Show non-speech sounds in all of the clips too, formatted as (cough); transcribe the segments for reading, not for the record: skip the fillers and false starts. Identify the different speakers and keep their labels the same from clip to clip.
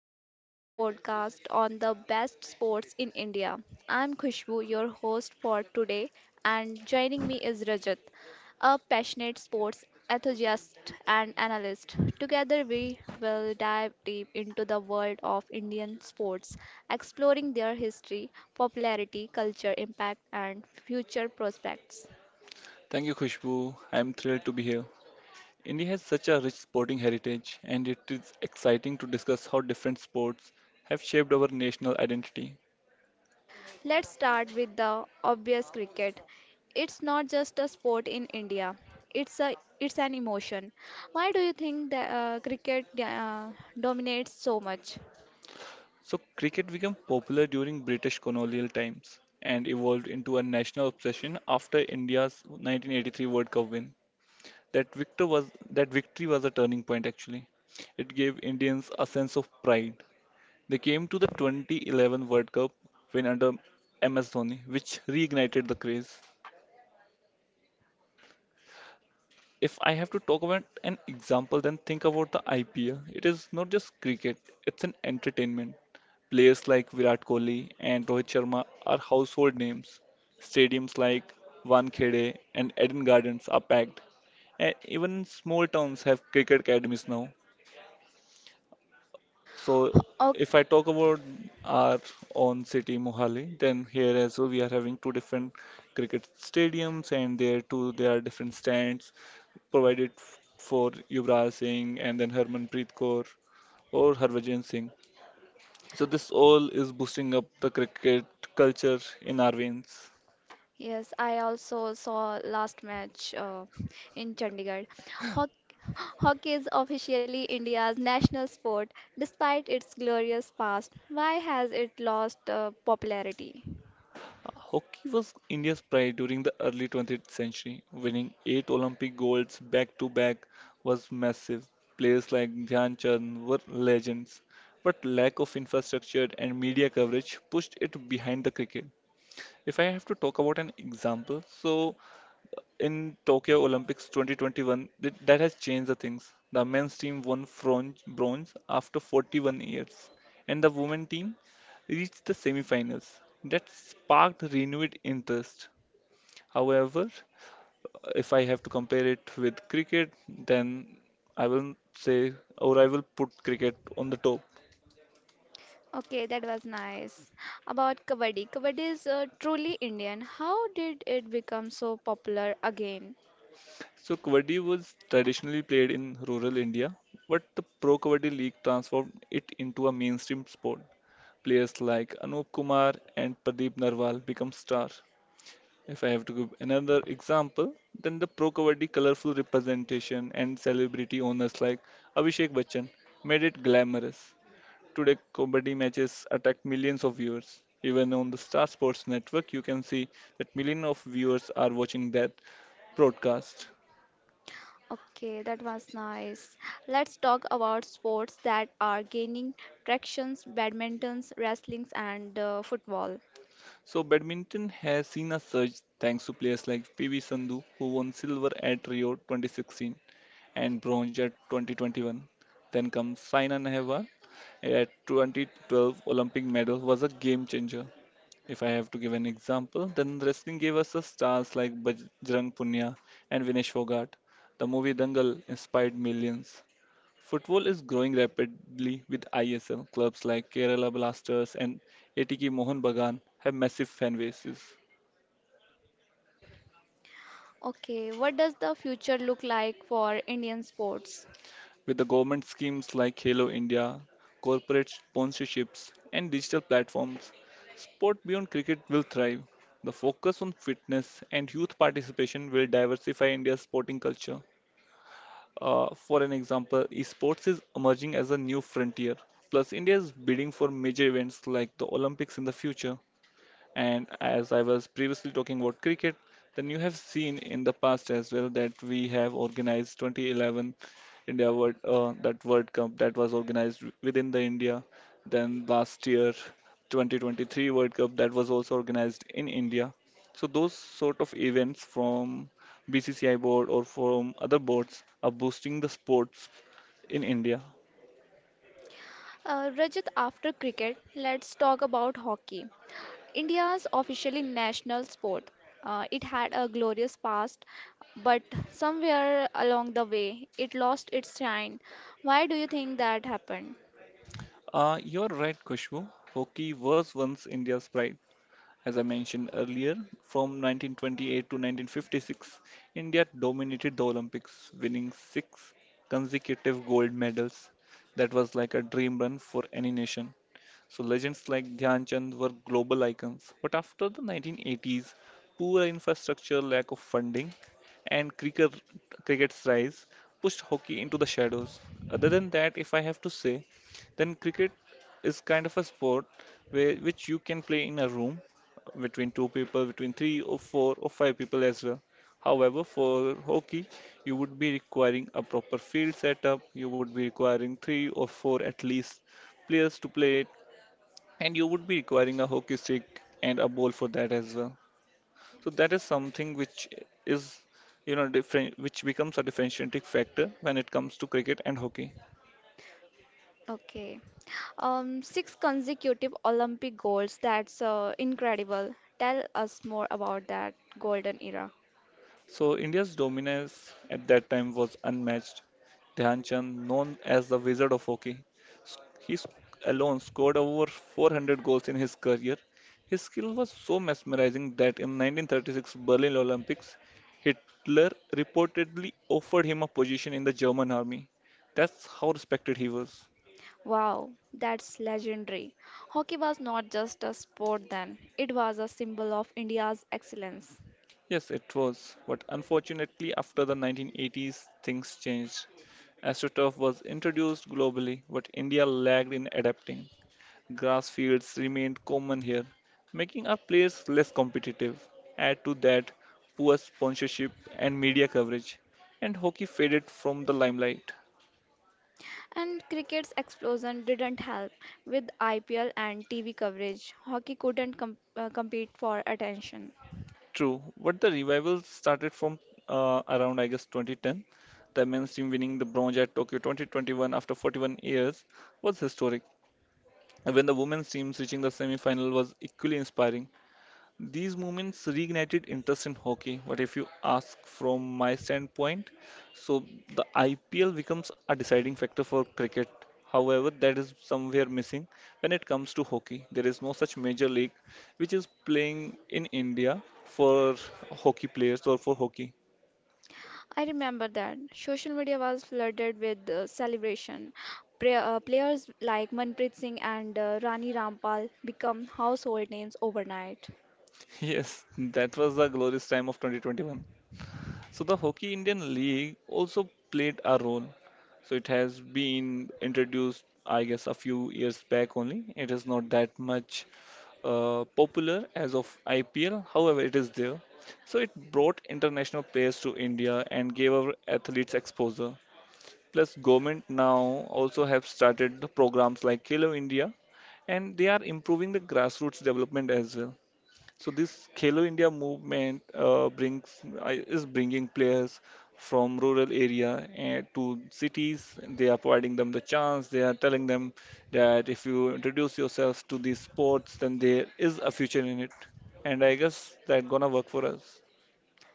Speaker 1: our special podcast on the best sports in India. I'm Khushbu, your host for today, and joining me is Rajat, a passionate sports enthusiast and analyst. Together, we will dive deep into the world of Indian sports, exploring their history, popularity, culture, impact, and future prospects.
Speaker 2: Thank you, Khushbu. I'm thrilled to be here. India has such a rich sporting heritage, and it is exciting to discuss how different sports have shaped our national identity.
Speaker 1: Let's start with the obvious cricket. It's not just a sport in India. It's an emotion. Why do you think that cricket dominates so much?
Speaker 2: So, cricket became popular during British colonial times and evolved into a national obsession after India's 1983 World Cup win. That victory was a turning point, actually. It gave Indians a sense of pride. They came to the 2011 World Cup win under MS Dhoni, which reignited the craze. If I have to talk about an example, then think about the IPL. It is not just cricket, it's an entertainment. Players like Virat Kohli and Rohit Sharma are household names. Stadiums like Wankhede and Eden Gardens are packed. And even small towns have cricket academies now. So
Speaker 1: Oh,
Speaker 2: if I talk about our own city, Mohali, then here as well we are having two different cricket stadiums, and there too there are different stands provided for Yuvraj Singh and then Harmanpreet Kaur or Harvajan Singh. So this all is boosting up the cricket culture in our veins.
Speaker 1: yes, I also saw last match in Chandigarh. Hoc- Hockey is officially India's national sport. Despite its glorious past, why has it lost popularity?
Speaker 2: Hockey was India's pride during the early 20th century. Winning eight Olympic golds back to back was massive. Players like Dhyan Chand were legends, but lack of infrastructure and media coverage pushed it behind the cricket. If I have to talk about an example, so in Tokyo Olympics 2021, that has changed the things. The men's team won bronze, bronze after 41 years, and the women team reached the semifinals. That sparked renewed interest. However, if I have to compare it with cricket, then I will say, or I will put cricket on the top.
Speaker 1: Okay, that was nice. About Kabaddi. Kabaddi is truly Indian. How did it become so popular again?
Speaker 2: So Kabaddi was traditionally played in rural India, but the Pro Kabaddi League transformed it into a mainstream sport. Players like Anup Kumar and Pradeep Narwal become stars. If I have to give another example, then the Pro Kabaddi colorful representation and celebrity owners like Abhishek Bachchan made it glamorous. Today, Kabaddi matches attract millions of viewers. Even on the Star Sports Network, you can see that millions of viewers are watching that broadcast.
Speaker 1: Okay, that was nice. Let's talk about sports that are gaining tractions, badmintons, wrestlings, and football.
Speaker 2: So badminton has seen a surge thanks to players like PV Sandhu, who won silver at Rio 2016 and bronze at 2021. Then comes Saina Nehwal at 2012 Olympic medal was a game changer. If I have to give an example, then wrestling gave us the stars like Bajrang Punia and Vinesh Fogart. The movie Dangal inspired millions. Football is growing rapidly with ISL. Clubs like Kerala Blasters and ATK Mohan Bagan have massive fan bases.
Speaker 1: Okay, what does the future look like for Indian sports?
Speaker 2: With the government schemes like Halo India, corporate sponsorships, and digital platforms, sport beyond cricket will thrive. The focus on fitness and youth participation will diversify India's sporting culture. For an example, esports is emerging as a new frontier. Plus, India is bidding for major events like the Olympics in the future. And as I was previously talking about cricket, then you have seen in the past as well that we have organized 2011 India World that World Cup that was organized within the India. Then last year 2023 World Cup that was also organized in India. So those sort of events from BCCI board or from other boards are boosting the sports in India.
Speaker 1: Rajat, after cricket, let's talk about hockey. India's officially national sport. It had a glorious past, but somewhere along the way, it lost its shine. Why do you think that happened?
Speaker 2: You're right, Kushbu. Hockey was once India's pride. As I mentioned earlier, from 1928 to 1956, India dominated the Olympics, winning six consecutive gold medals. That was like a dream run for any nation. So legends like Dhyan Chand were global icons. But after the 1980s, poor infrastructure, lack of funding, and cricket's rise pushed hockey into the shadows. Other than that, if I have to say, then cricket is kind of a sport where which you can play in a room between two people, between three or four or five people as well. However, for hockey, you would be requiring a proper field setup, you would be requiring three or four at least players to play it, and you would be requiring a hockey stick and a ball for that as well. So that is something which is, you know, different, which becomes a differentiating factor when it comes to cricket and hockey.
Speaker 1: Okay. Six consecutive Olympic golds. That's incredible. Tell us more about that golden era.
Speaker 2: So India's dominance at that time was unmatched. Dhyan Chand, known as the Wizard of Hockey, s- he s- alone scored over 400 goals in his career. His skill was so mesmerizing that in 1936 Berlin Olympics, Hitler reportedly offered him a position in the German army. That's how respected he was.
Speaker 1: Wow, that's legendary. Hockey was not just a sport then, it was a symbol of India's excellence.
Speaker 2: Yes, it was, but unfortunately, after the 1980s, things changed. AstroTurf was introduced globally, but India lagged in adapting. Grass fields remained common here, making our players less competitive. Add to that poor sponsorship and media coverage, and hockey faded from the limelight.
Speaker 1: And cricket's explosion didn't help. With IPL and TV coverage, hockey couldn't compete for attention.
Speaker 2: True, but the revival started from around, I guess, 2010. The men's team winning the bronze at Tokyo 2021 after 41 years was historic. When the women's teams reaching the semi-final was equally inspiring. These movements reignited interest in hockey. But if you ask from my standpoint, so the IPL becomes a deciding factor for cricket. However, that is somewhere missing when it comes to hockey. There is no such major league which is playing in India for hockey players or for hockey. (laughs)
Speaker 1: I remember that social media was flooded with celebration. Players like Manpreet Singh and Rani Rampal become household names overnight.
Speaker 2: Yes, that was the glorious time of 2021. So the Hockey Indian League also played a role. So it has been introduced, I guess, a few years back only. It is not that much popular as of IPL. However, it is there. So it brought international players to India and gave our athletes exposure. Plus, government now also have started the programs like Hello India, and they are improving the grassroots development as well. So this Khelo India movement is bringing players from rural area and to cities. They are providing them the chance. They are telling them that if you introduce yourself to these sports, then there is a future in it. And I guess that gonna work for us.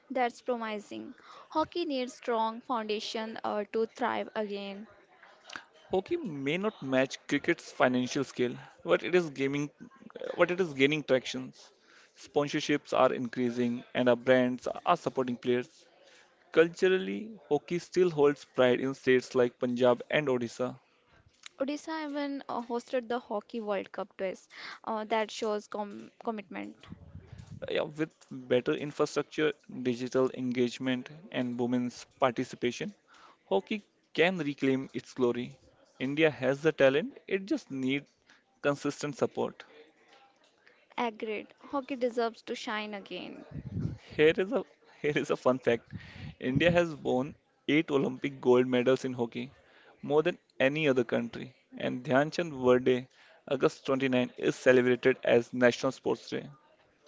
Speaker 1: That's promising. Hockey needs strong foundation to thrive again.
Speaker 2: Hockey may not match cricket's financial scale, but it is gaining tractions. Sponsorships are increasing, and our brands are supporting players. Culturally, hockey still holds pride in states like Punjab and Odisha.
Speaker 1: Odisha even hosted the Hockey World Cup twice. That shows commitment.
Speaker 2: Yeah, with better infrastructure, digital engagement, and women's participation, hockey can reclaim its glory. India has the talent, it just needs consistent support.
Speaker 1: Agreed. Hockey deserves to shine again.
Speaker 2: Here is a here is a fun fact. India has won 8 Olympic gold medals in hockey, more than any other country. And Dhyan Chand Verde, August 29th, is celebrated as National Sports Day.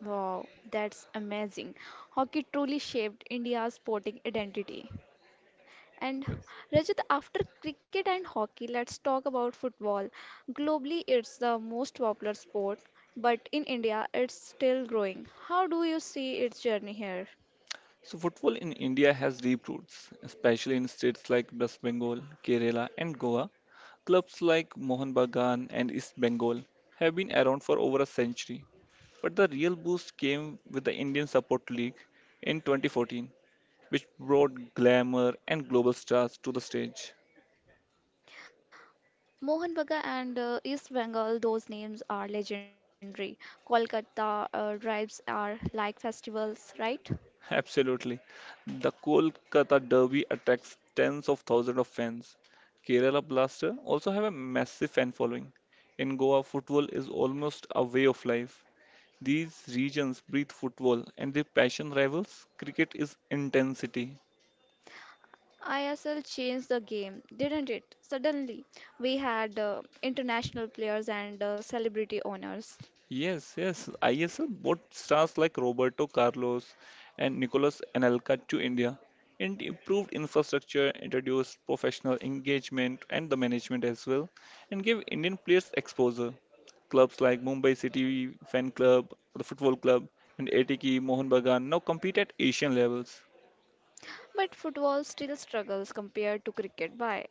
Speaker 1: Wow, that's amazing. Hockey truly shaped India's sporting identity. And Rajat, after cricket and hockey, let's talk about football. Globally, it's the most popular sport, but in India, it's still growing. How do you see its journey here?
Speaker 2: So football in India has deep roots, especially in states like West Bengal, Kerala, and Goa. Clubs like Mohun Bagan and East Bengal have been around for over a century. But the real boost came with the Indian Support League in 2014, which brought glamour and global stars to the stage.
Speaker 1: Mohan Bagan and East Bengal, those names are legendary. Kolkata drives are like festivals, right?
Speaker 2: Absolutely. The Kolkata Derby attracts tens of thousands of fans. Kerala Blaster also have a massive fan following. In Goa, football is almost a way of life. These regions breathe football and their passion rivals cricket is intensity.
Speaker 1: ISL changed the game, didn't it? Suddenly, we had international players and celebrity owners.
Speaker 2: Yes, yes. ISL brought stars like Roberto Carlos and Nicolas Anelka to India and improved infrastructure, introduced professional engagement and the management as well, and gave Indian players exposure. Clubs like Mumbai City Fan Club, the Football Club, and ATK Mohun Bagan now compete at Asian levels.
Speaker 1: But football still struggles compared to cricket. Why?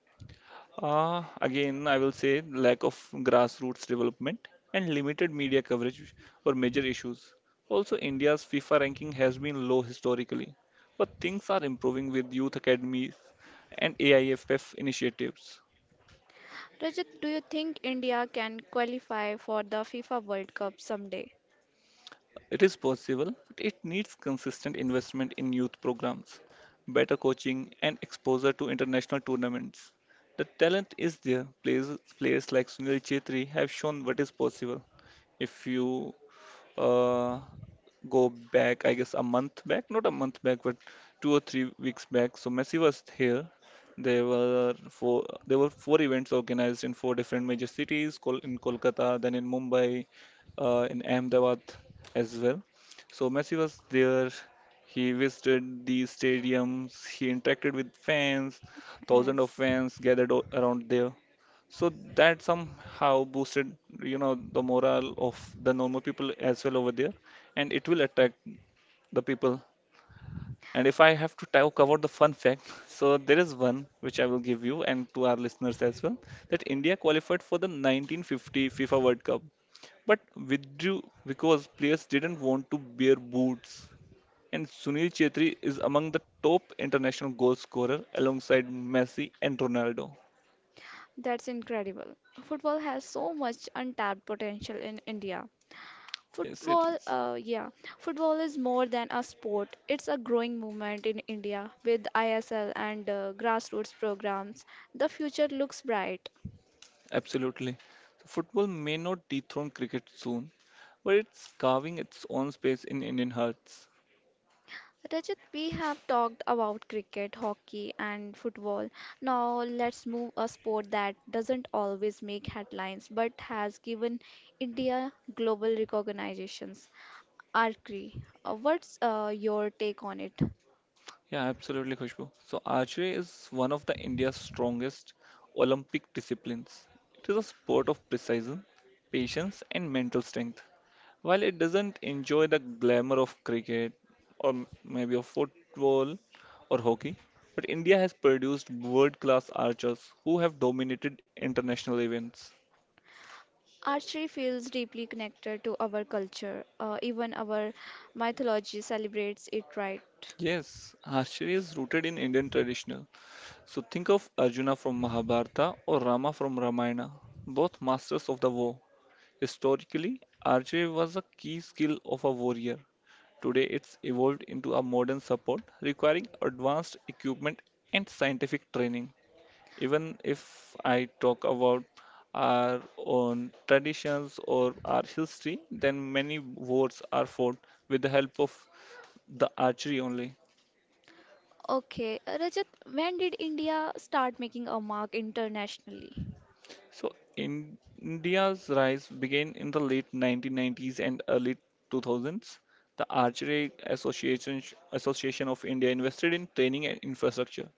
Speaker 2: Again, I will say lack of grassroots development and limited media coverage were major issues. Also, India's FIFA ranking has been low historically, but things are improving with youth academies and AIFF initiatives.
Speaker 1: Rajat, do you think India can qualify for the FIFA World Cup someday?
Speaker 2: It is possible, but it needs consistent investment in youth programs, better coaching, and exposure to international tournaments. The talent is there. Players like Sunil Chetri have shown what is possible if you uh, go back, I guess a month back, not a month back, but 2 or 3 weeks back. So Messi was here. There were four events organized in four different major cities, Kol in Kolkata, then in Mumbai, in Ahmedabad as well. So Messi was there. He visited the stadiums. He interacted with fans. Thousands of
Speaker 1: Yes.
Speaker 2: fans gathered around there. So that somehow boosted, you know, the morale of the normal people as well over there, and it will attract the people. And if I have to talk about the fun fact, (laughs) so there is one which I will give you and to our listeners as well, that India qualified for the 1950 FIFA World Cup, but withdrew because players didn't want to wear boots. And Sunil Chetri is among the top international goal scorer alongside Messi and Ronaldo.
Speaker 1: That's incredible. Football has so much untapped potential in India.
Speaker 2: Yes, it
Speaker 1: Football,
Speaker 2: is.
Speaker 1: yeah, football is more than a sport. It's a growing movement in India with ISL and grassroots programs. The future looks bright.
Speaker 2: Absolutely. So football may not dethrone cricket soon, but it's carving its own space in Indian hearts.
Speaker 1: Rajat, we have talked about cricket, hockey, and football. Now let's move a sport that doesn't always make headlines but has given India global recognitions. Archery. What's your take on it?
Speaker 2: Yeah, absolutely, Khushbu. So archery is one of the India's strongest Olympic disciplines. It is a sport of precision, patience, and mental strength. While it doesn't enjoy the glamour of cricket or maybe of football or hockey, but India has produced world-class archers who have dominated international events.
Speaker 1: Archery feels deeply connected to our culture. Even our mythology celebrates it, right?
Speaker 2: Yes, archery is rooted in Indian traditional. So think of Arjuna from Mahabharata or Rama from Ramayana, both masters of the war. Historically, archery was a key skill of a warrior. Today, it's evolved into a modern support requiring advanced equipment and scientific training. Even if I talk about our own traditions or our history, then many wars are fought with the help of the archery only.
Speaker 1: Okay, Rajat, when did India start making a mark internationally?
Speaker 2: India's rise began in the late 1990s and early 2000s. The Archery Association, Association of India invested in training and infrastructure.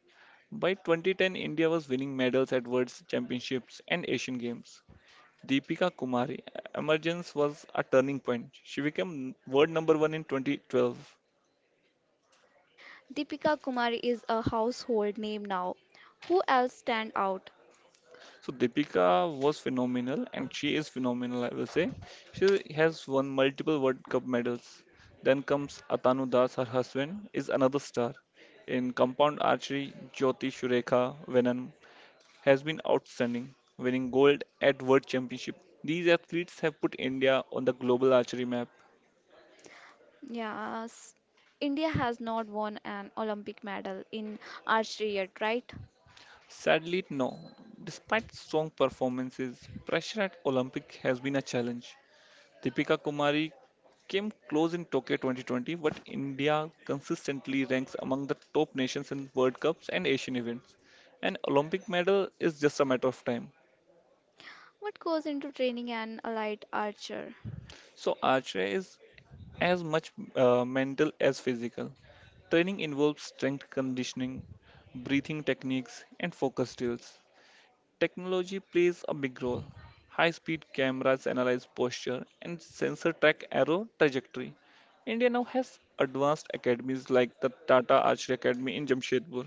Speaker 2: By 2010, India was winning medals at World Championships and Asian Games. Deepika Kumari emergence was a turning point. She became world number one in 2012.
Speaker 1: Deepika Kumari is a household name now. Who else stand out?
Speaker 2: So Deepika was phenomenal, and she is phenomenal, I will say. She has won multiple World Cup medals. Then comes Atanu Das, her husband, is another star. In compound archery, Jyoti Shurekha Venan has been outstanding, winning gold at World Championship. These athletes have put India on the global archery map.
Speaker 1: Yes, India has not won an Olympic medal in archery yet, right?
Speaker 2: Sadly, no. Despite strong performances, pressure at Olympic has been a challenge. Deepika Kumari came close in Tokyo 2020, but India consistently ranks among the top nations in World Cups and Asian events. An Olympic medal is just a matter of time.
Speaker 1: What goes into training an elite archer?
Speaker 2: So, archery is as much mental as physical. Training involves strength conditioning, breathing techniques, and focus drills. Technology plays a big role. High speed cameras analyze posture and sensor track arrow trajectory. India now has advanced academies like the Tata Archery Academy in Jamshedpur.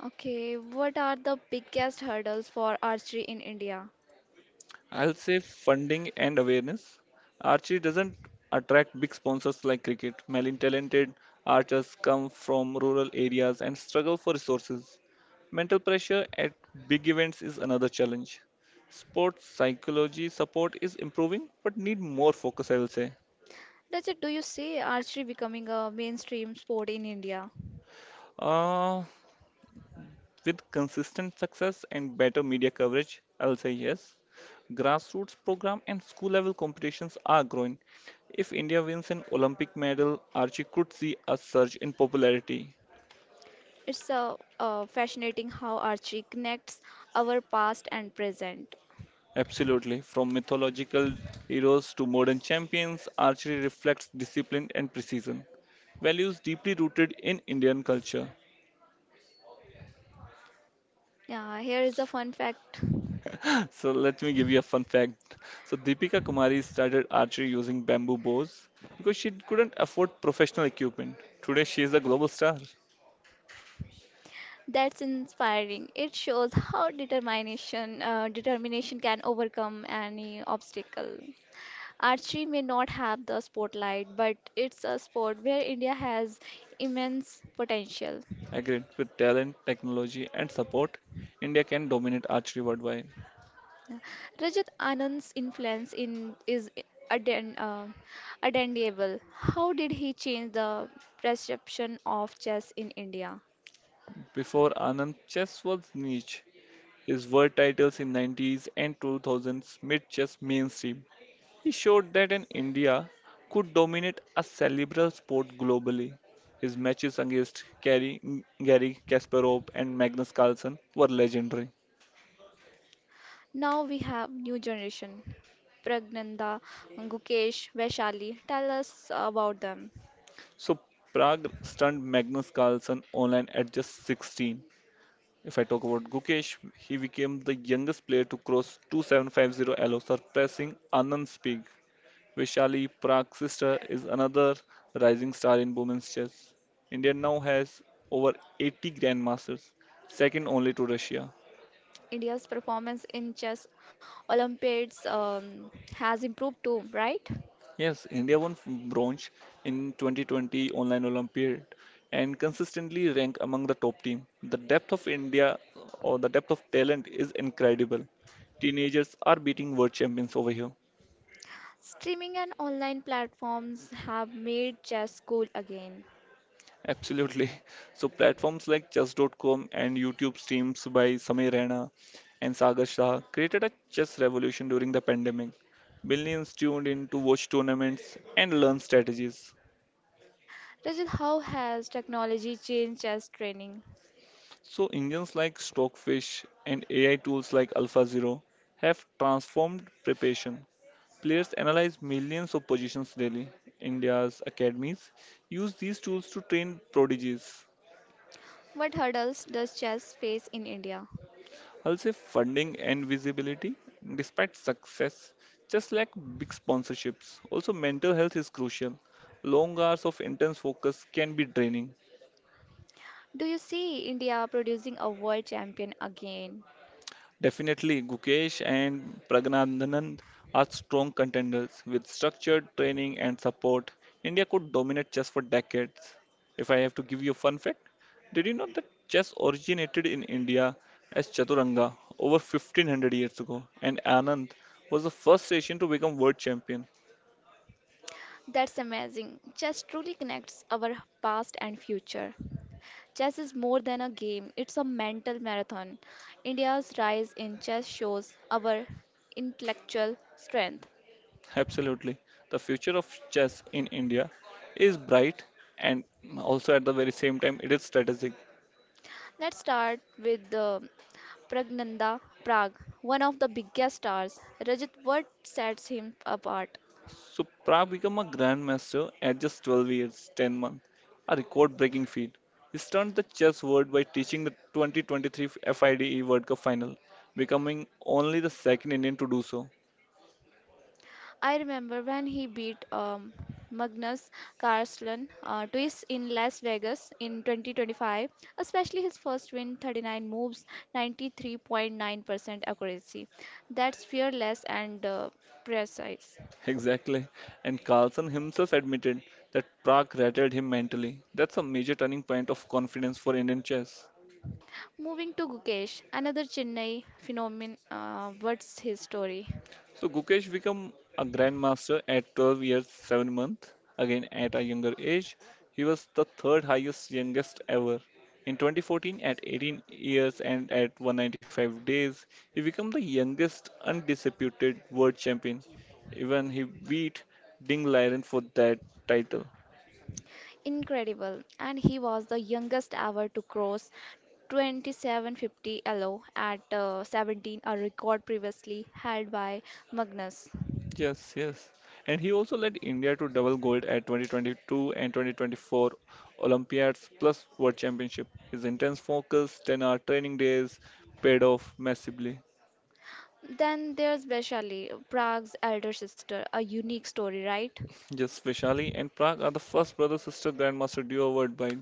Speaker 1: Okay, what are the biggest hurdles for archery in India?
Speaker 2: I'll say funding and awareness. Archery doesn't attract big sponsors like cricket. Many talented archers come from rural areas and struggle for resources. Mental pressure at big events is another challenge. Sports psychology support is improving but need more focus, I will say.
Speaker 1: Rajat, do you see archery becoming a mainstream sport in India?
Speaker 2: Uh, With consistent success and better media coverage, I'll say yes. Grassroots program and school level competitions are growing. If India wins an Olympic medal, Archie could see a surge in popularity.
Speaker 1: It's fascinating how archery connects our past and present.
Speaker 2: Absolutely. From mythological heroes to modern champions, archery reflects discipline and precision, values deeply rooted in Indian culture.
Speaker 1: Yeah, here is a fun fact
Speaker 2: So let me give you a fun fact. So Deepika Kumari started archery using bamboo bows because she couldn't afford professional equipment. Today she is a global star.
Speaker 1: that's inspiring. It shows how determination can overcome any obstacle. Archery may not have the spotlight, but it's a sport where India has immense potential.
Speaker 2: Agreed. With talent, technology, and support, India can dominate archery worldwide.
Speaker 1: Rajat Anand's influence in is aden, uh, undeniable. How did he change the perception of chess in India?
Speaker 2: Before Anand, chess was niche. His world titles in 90s and 2000s made chess mainstream. He showed that an India could dominate a cerebral sport globally. His matches against Gary Kasparov and Magnus Carlsen were legendary.
Speaker 1: Now we have new generation. Pragnanda, Gukesh, Vaishali. Tell us about them.
Speaker 2: So Prague stunned Magnus Carlsen online at just 16. If I talk about Gukesh, he became the youngest player to cross 2750 allow surpassing Anand Spig. Vaishali Prague's sister is another rising star in women's chess. India now has over 80 grandmasters, second only to Russia.
Speaker 1: India's performance in chess Olympiads has improved too, right?
Speaker 2: Yes, India won bronze in 2020 online Olympiad and consistently rank among the top team. The depth of India or the depth of talent is incredible. Teenagers are beating world champions over here.
Speaker 1: Streaming and online platforms have made chess cool again.
Speaker 2: Absolutely. So platforms like chess.com and YouTube streams by Samir Rana and Sagar Shah created a chess revolution during the pandemic. Millions tuned in to watch tournaments and learn strategies.
Speaker 1: Rajat, how has technology changed chess training?
Speaker 2: So engines like Stockfish and AI tools like AlphaZero have transformed preparation. Players analyze millions of positions daily. India's academies use these tools to train prodigies.
Speaker 1: What hurdles does chess face in India?
Speaker 2: I'll say funding and visibility, despite success, just like big sponsorships. Also, mental health is crucial. Long hours of intense focus can be draining.
Speaker 1: Do you see India producing a world champion again?
Speaker 2: Definitely, Gukesh and Pragnananand are strong contenders. With structured training and support, India could dominate chess for decades. If I have to give you a fun fact, did you know that chess originated in India as Chaturanga over 1500 years ago and Anand was the first Asian to become world champion?
Speaker 1: That's amazing. Chess truly connects our past and future. Chess is more than a game, it's a mental marathon. India's rise in chess shows our intellectual strength.
Speaker 2: Absolutely. The future of chess in India is bright and also at the very same time it is strategic.
Speaker 1: Let's start with the Pragnanda Prag, one of the biggest stars. Rajat, what sets him apart?
Speaker 2: So Prab became a grandmaster at just 12 years, 10 months, a record-breaking feat. He stunned the chess world by teaching the 2023 FIDE World Cup final, becoming only the second Indian to do so.
Speaker 1: I remember when he beat Magnus Carlsen twice in Las Vegas in 2025, especially his first win 39 moves, 93.9% accuracy. That's fearless and precise.
Speaker 2: (laughs) Exactly. And Carlson himself admitted that Prague rattled him mentally. That's a major turning point of confidence for Indian chess.
Speaker 1: Moving to Gukesh, another Chennai phenomenon. What's his story?
Speaker 2: So Gukesh became a grandmaster at 12 years 7 months. Again at a younger age, he was the third highest youngest ever. In 2014, at 18 years and at 195 days, he became the youngest undisputed world champion. Even he beat Ding Liren for that title.
Speaker 1: Incredible. And he was the youngest ever to cross 2750 elo at 17, a record previously held by Magnus.
Speaker 2: Yes, yes. And he also led India to double gold at 2022 and 2024 Olympiads plus World Championship. His intense focus, 10-hour training days, paid off massively.
Speaker 1: Then there's Vaishali, Prague's elder sister, a unique story, right?
Speaker 2: Yes, Vishali and Prag are the first brother-sister grandmaster duo worldwide.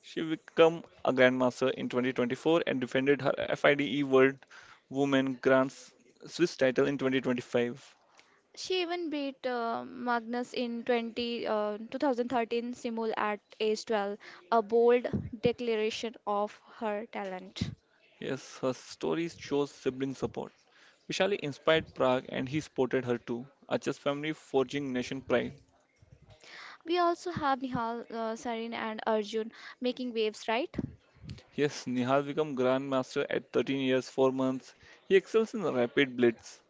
Speaker 2: She became a grandmaster in 2024 and defended her FIDE World Women Swiss title in 2025.
Speaker 1: She even beat Magnus in 2013 Simul at age 12, a bold declaration of her talent.
Speaker 2: Yes, her stories shows sibling support. Vishali inspired Prag, and he supported her too. Acha's family forging nation pride.
Speaker 1: We also have Nihal, Sarin, and Arjun making waves, right?
Speaker 2: Yes, Nihal became grandmaster at 13 years 4 months. He excels in rapid blitz.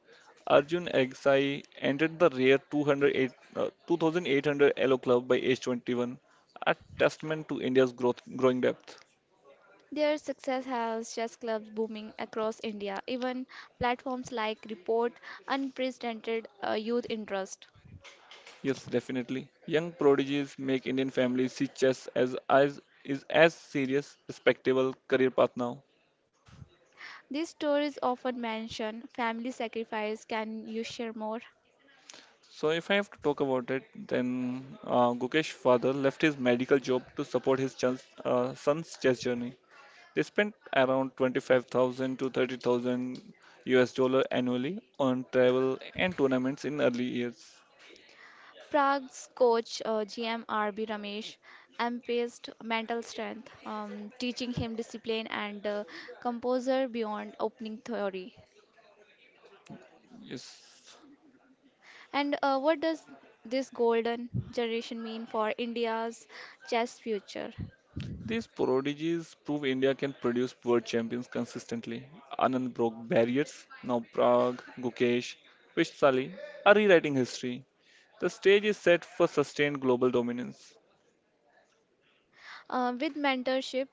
Speaker 2: Arjun Agassi entered the rare 2800 Elo club by age 21, a testament to India's growth, growing depth.
Speaker 1: Their success has chess clubs booming across India, even platforms like report unprecedented youth interest.
Speaker 2: Yes, definitely. Young prodigies make Indian families see chess as serious, respectable career path now.
Speaker 1: These stories often mention family sacrifice. Can you share more?
Speaker 2: So, if I have to talk about it, then Gukesh's father left his medical job to support his son's chess journey. They spent around 25,000 to 30,000 US dollar annually on travel and tournaments in early years.
Speaker 1: Prague's coach GMRB Ramesh emphasized mental strength, teaching him discipline and composure beyond opening theory.
Speaker 2: Yes.
Speaker 1: And what does this golden generation mean for India's chess future?
Speaker 2: These prodigies prove India can produce world champions consistently. Anand broke barriers. Now Prague, Gukesh, Vish Sali are rewriting history. The stage is set for sustained global dominance.
Speaker 1: With mentorship,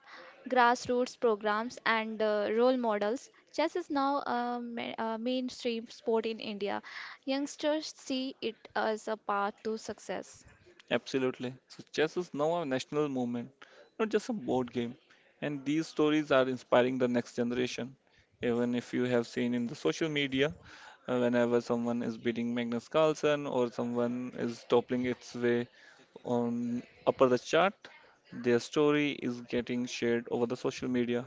Speaker 1: grassroots programs, and role models, chess is now a mainstream sport in India. Youngsters see it as a path to success.
Speaker 2: Absolutely. So chess is now a national movement, not just a board game. And these stories are inspiring the next generation. Even if you have seen in the social media, whenever someone is beating Magnus Carlsen or someone is toppling its way on upper the chart, their story is getting shared over the social media.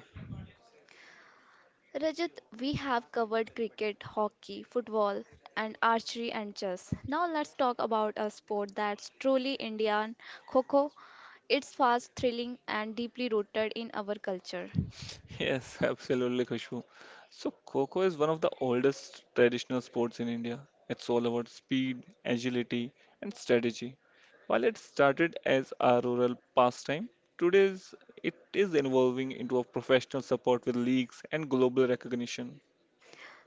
Speaker 1: Rajat, we have covered cricket, hockey, football, and archery and chess. Now let's talk about a sport that's truly Indian, Kho Kho. It's fast, thrilling, and deeply rooted in our culture.
Speaker 2: Yes, (laughs) absolutely, Khushbu. So, Kho-Kho is one of the oldest traditional sports in India. It's all about speed, agility, and strategy. While it started as a rural pastime, today it is evolving into a professional support with leagues and global recognition.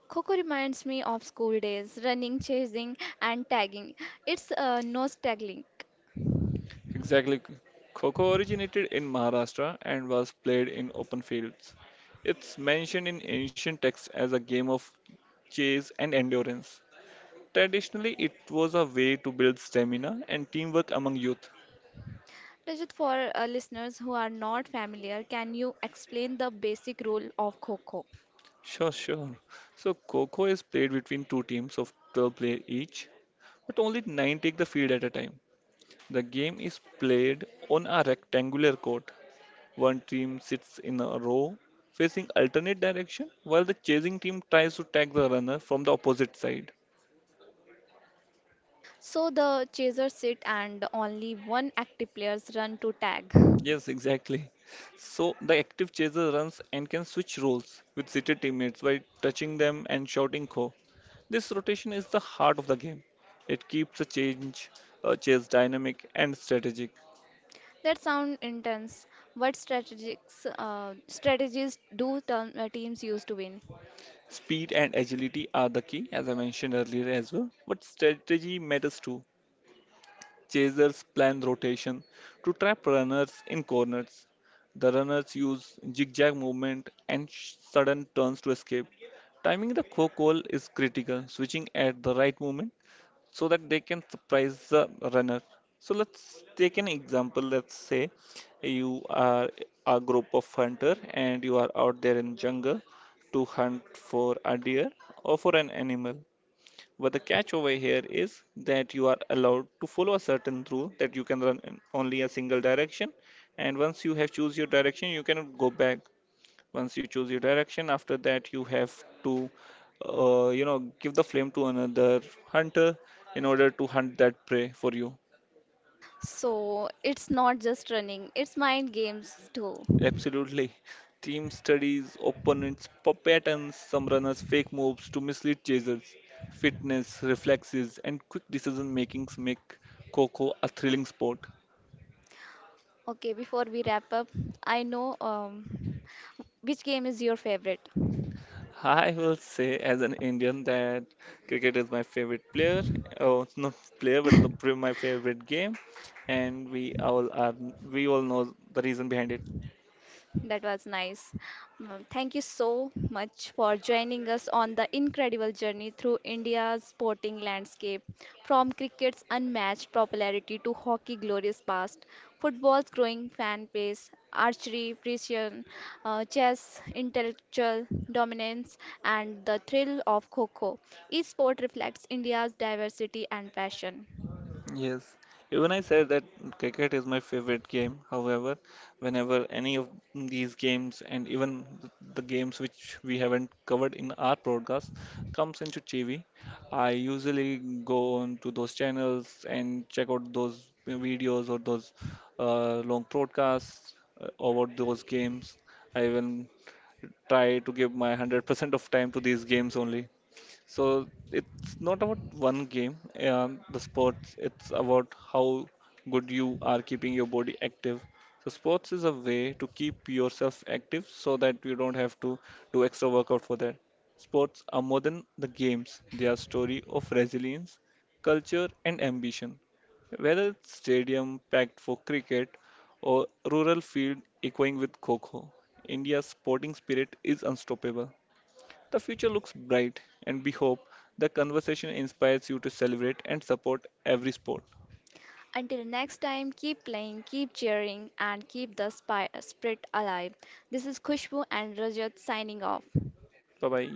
Speaker 1: Coco reminds me of school days, running, chasing, and tagging. It's nostalgic.
Speaker 2: Exactly. Kho-Kho originated in Maharashtra and was played in open fields. It's mentioned in ancient texts as a game of chase and endurance. Traditionally, it was a way to build stamina and teamwork among youth.
Speaker 1: Rajat, for listeners who are not familiar, can you explain the basic rule of Coco?
Speaker 2: Sure. So, Coco is played between two teams of 12 players each, but only 9 take the field at a time. The game is played on a rectangular court. One team sits in a row facing alternate direction while the chasing team tries to tag the runner from the opposite side.
Speaker 1: So the chasers sit and only one active players run to tag.
Speaker 2: Yes, exactly. So the active chaser runs and can switch roles with seated teammates by touching them and shouting "Kho." This rotation is the heart of the game. It keeps the chase dynamic and strategic.
Speaker 1: That sound intense. What strategies do teams use to win?
Speaker 2: Speed and agility are the key, as I mentioned earlier as well. But strategy matters too. Chasers plan rotation to trap runners in corners. The runners use zigzag movement and sudden turns to escape. Timing the core call is critical. Switching at the right moment so that they can surprise the runner. So let's take an example. Let's say you are a group of hunter and you are out there in jungle to hunt for a deer or for an animal. But the catch over here is that you are allowed to follow a certain rule that you can run in only a single direction, and once you have choose your direction, you cannot go back once you choose your direction after that you have to you know give the flame to another hunter in order to hunt that prey for you.
Speaker 1: So it's not just running; it's mind games too.
Speaker 2: Absolutely. Team studies opponents patterns, some runners fake moves to mislead chasers. Fitness reflexes and quick decision makings make coco a thrilling sport.
Speaker 1: Okay, before we wrap up, I know which game is your favorite.
Speaker 2: I will say, as an Indian, that cricket is my favorite player. Oh, not player, but my favorite game. And we all are, we all know the reason behind it.
Speaker 1: That was nice. Mm, thank you so much for joining us on the incredible journey through India's sporting landscape. From cricket's unmatched popularity to hockey's glorious past, football's growing fan base, archery, precision, chess, intellectual dominance, and the thrill of Coco. Each sport reflects India's diversity and passion.
Speaker 2: Yes, even I said that cricket is my favorite game. However, whenever any of these games and even the games which we haven't covered in our broadcast comes into TV, I usually go on to those channels and check out those videos or those long broadcasts over those games. I even try to give my 100% of time to these games only. So it's not about one game, the sports, it's about how good you are keeping your body active. So sports is a way to keep yourself active so that you don't have to do extra workout for that. Sports are more than the games, they are story of resilience, culture and ambition. Whether it's stadium packed for cricket or rural field echoing with Kho Kho, India's sporting spirit is unstoppable. The future looks bright, and we hope the conversation inspires you to celebrate and support every sport.
Speaker 1: Until next time, keep playing, keep cheering, and keep the spirit alive. This is Kushbu and Rajat signing off.
Speaker 2: Bye bye.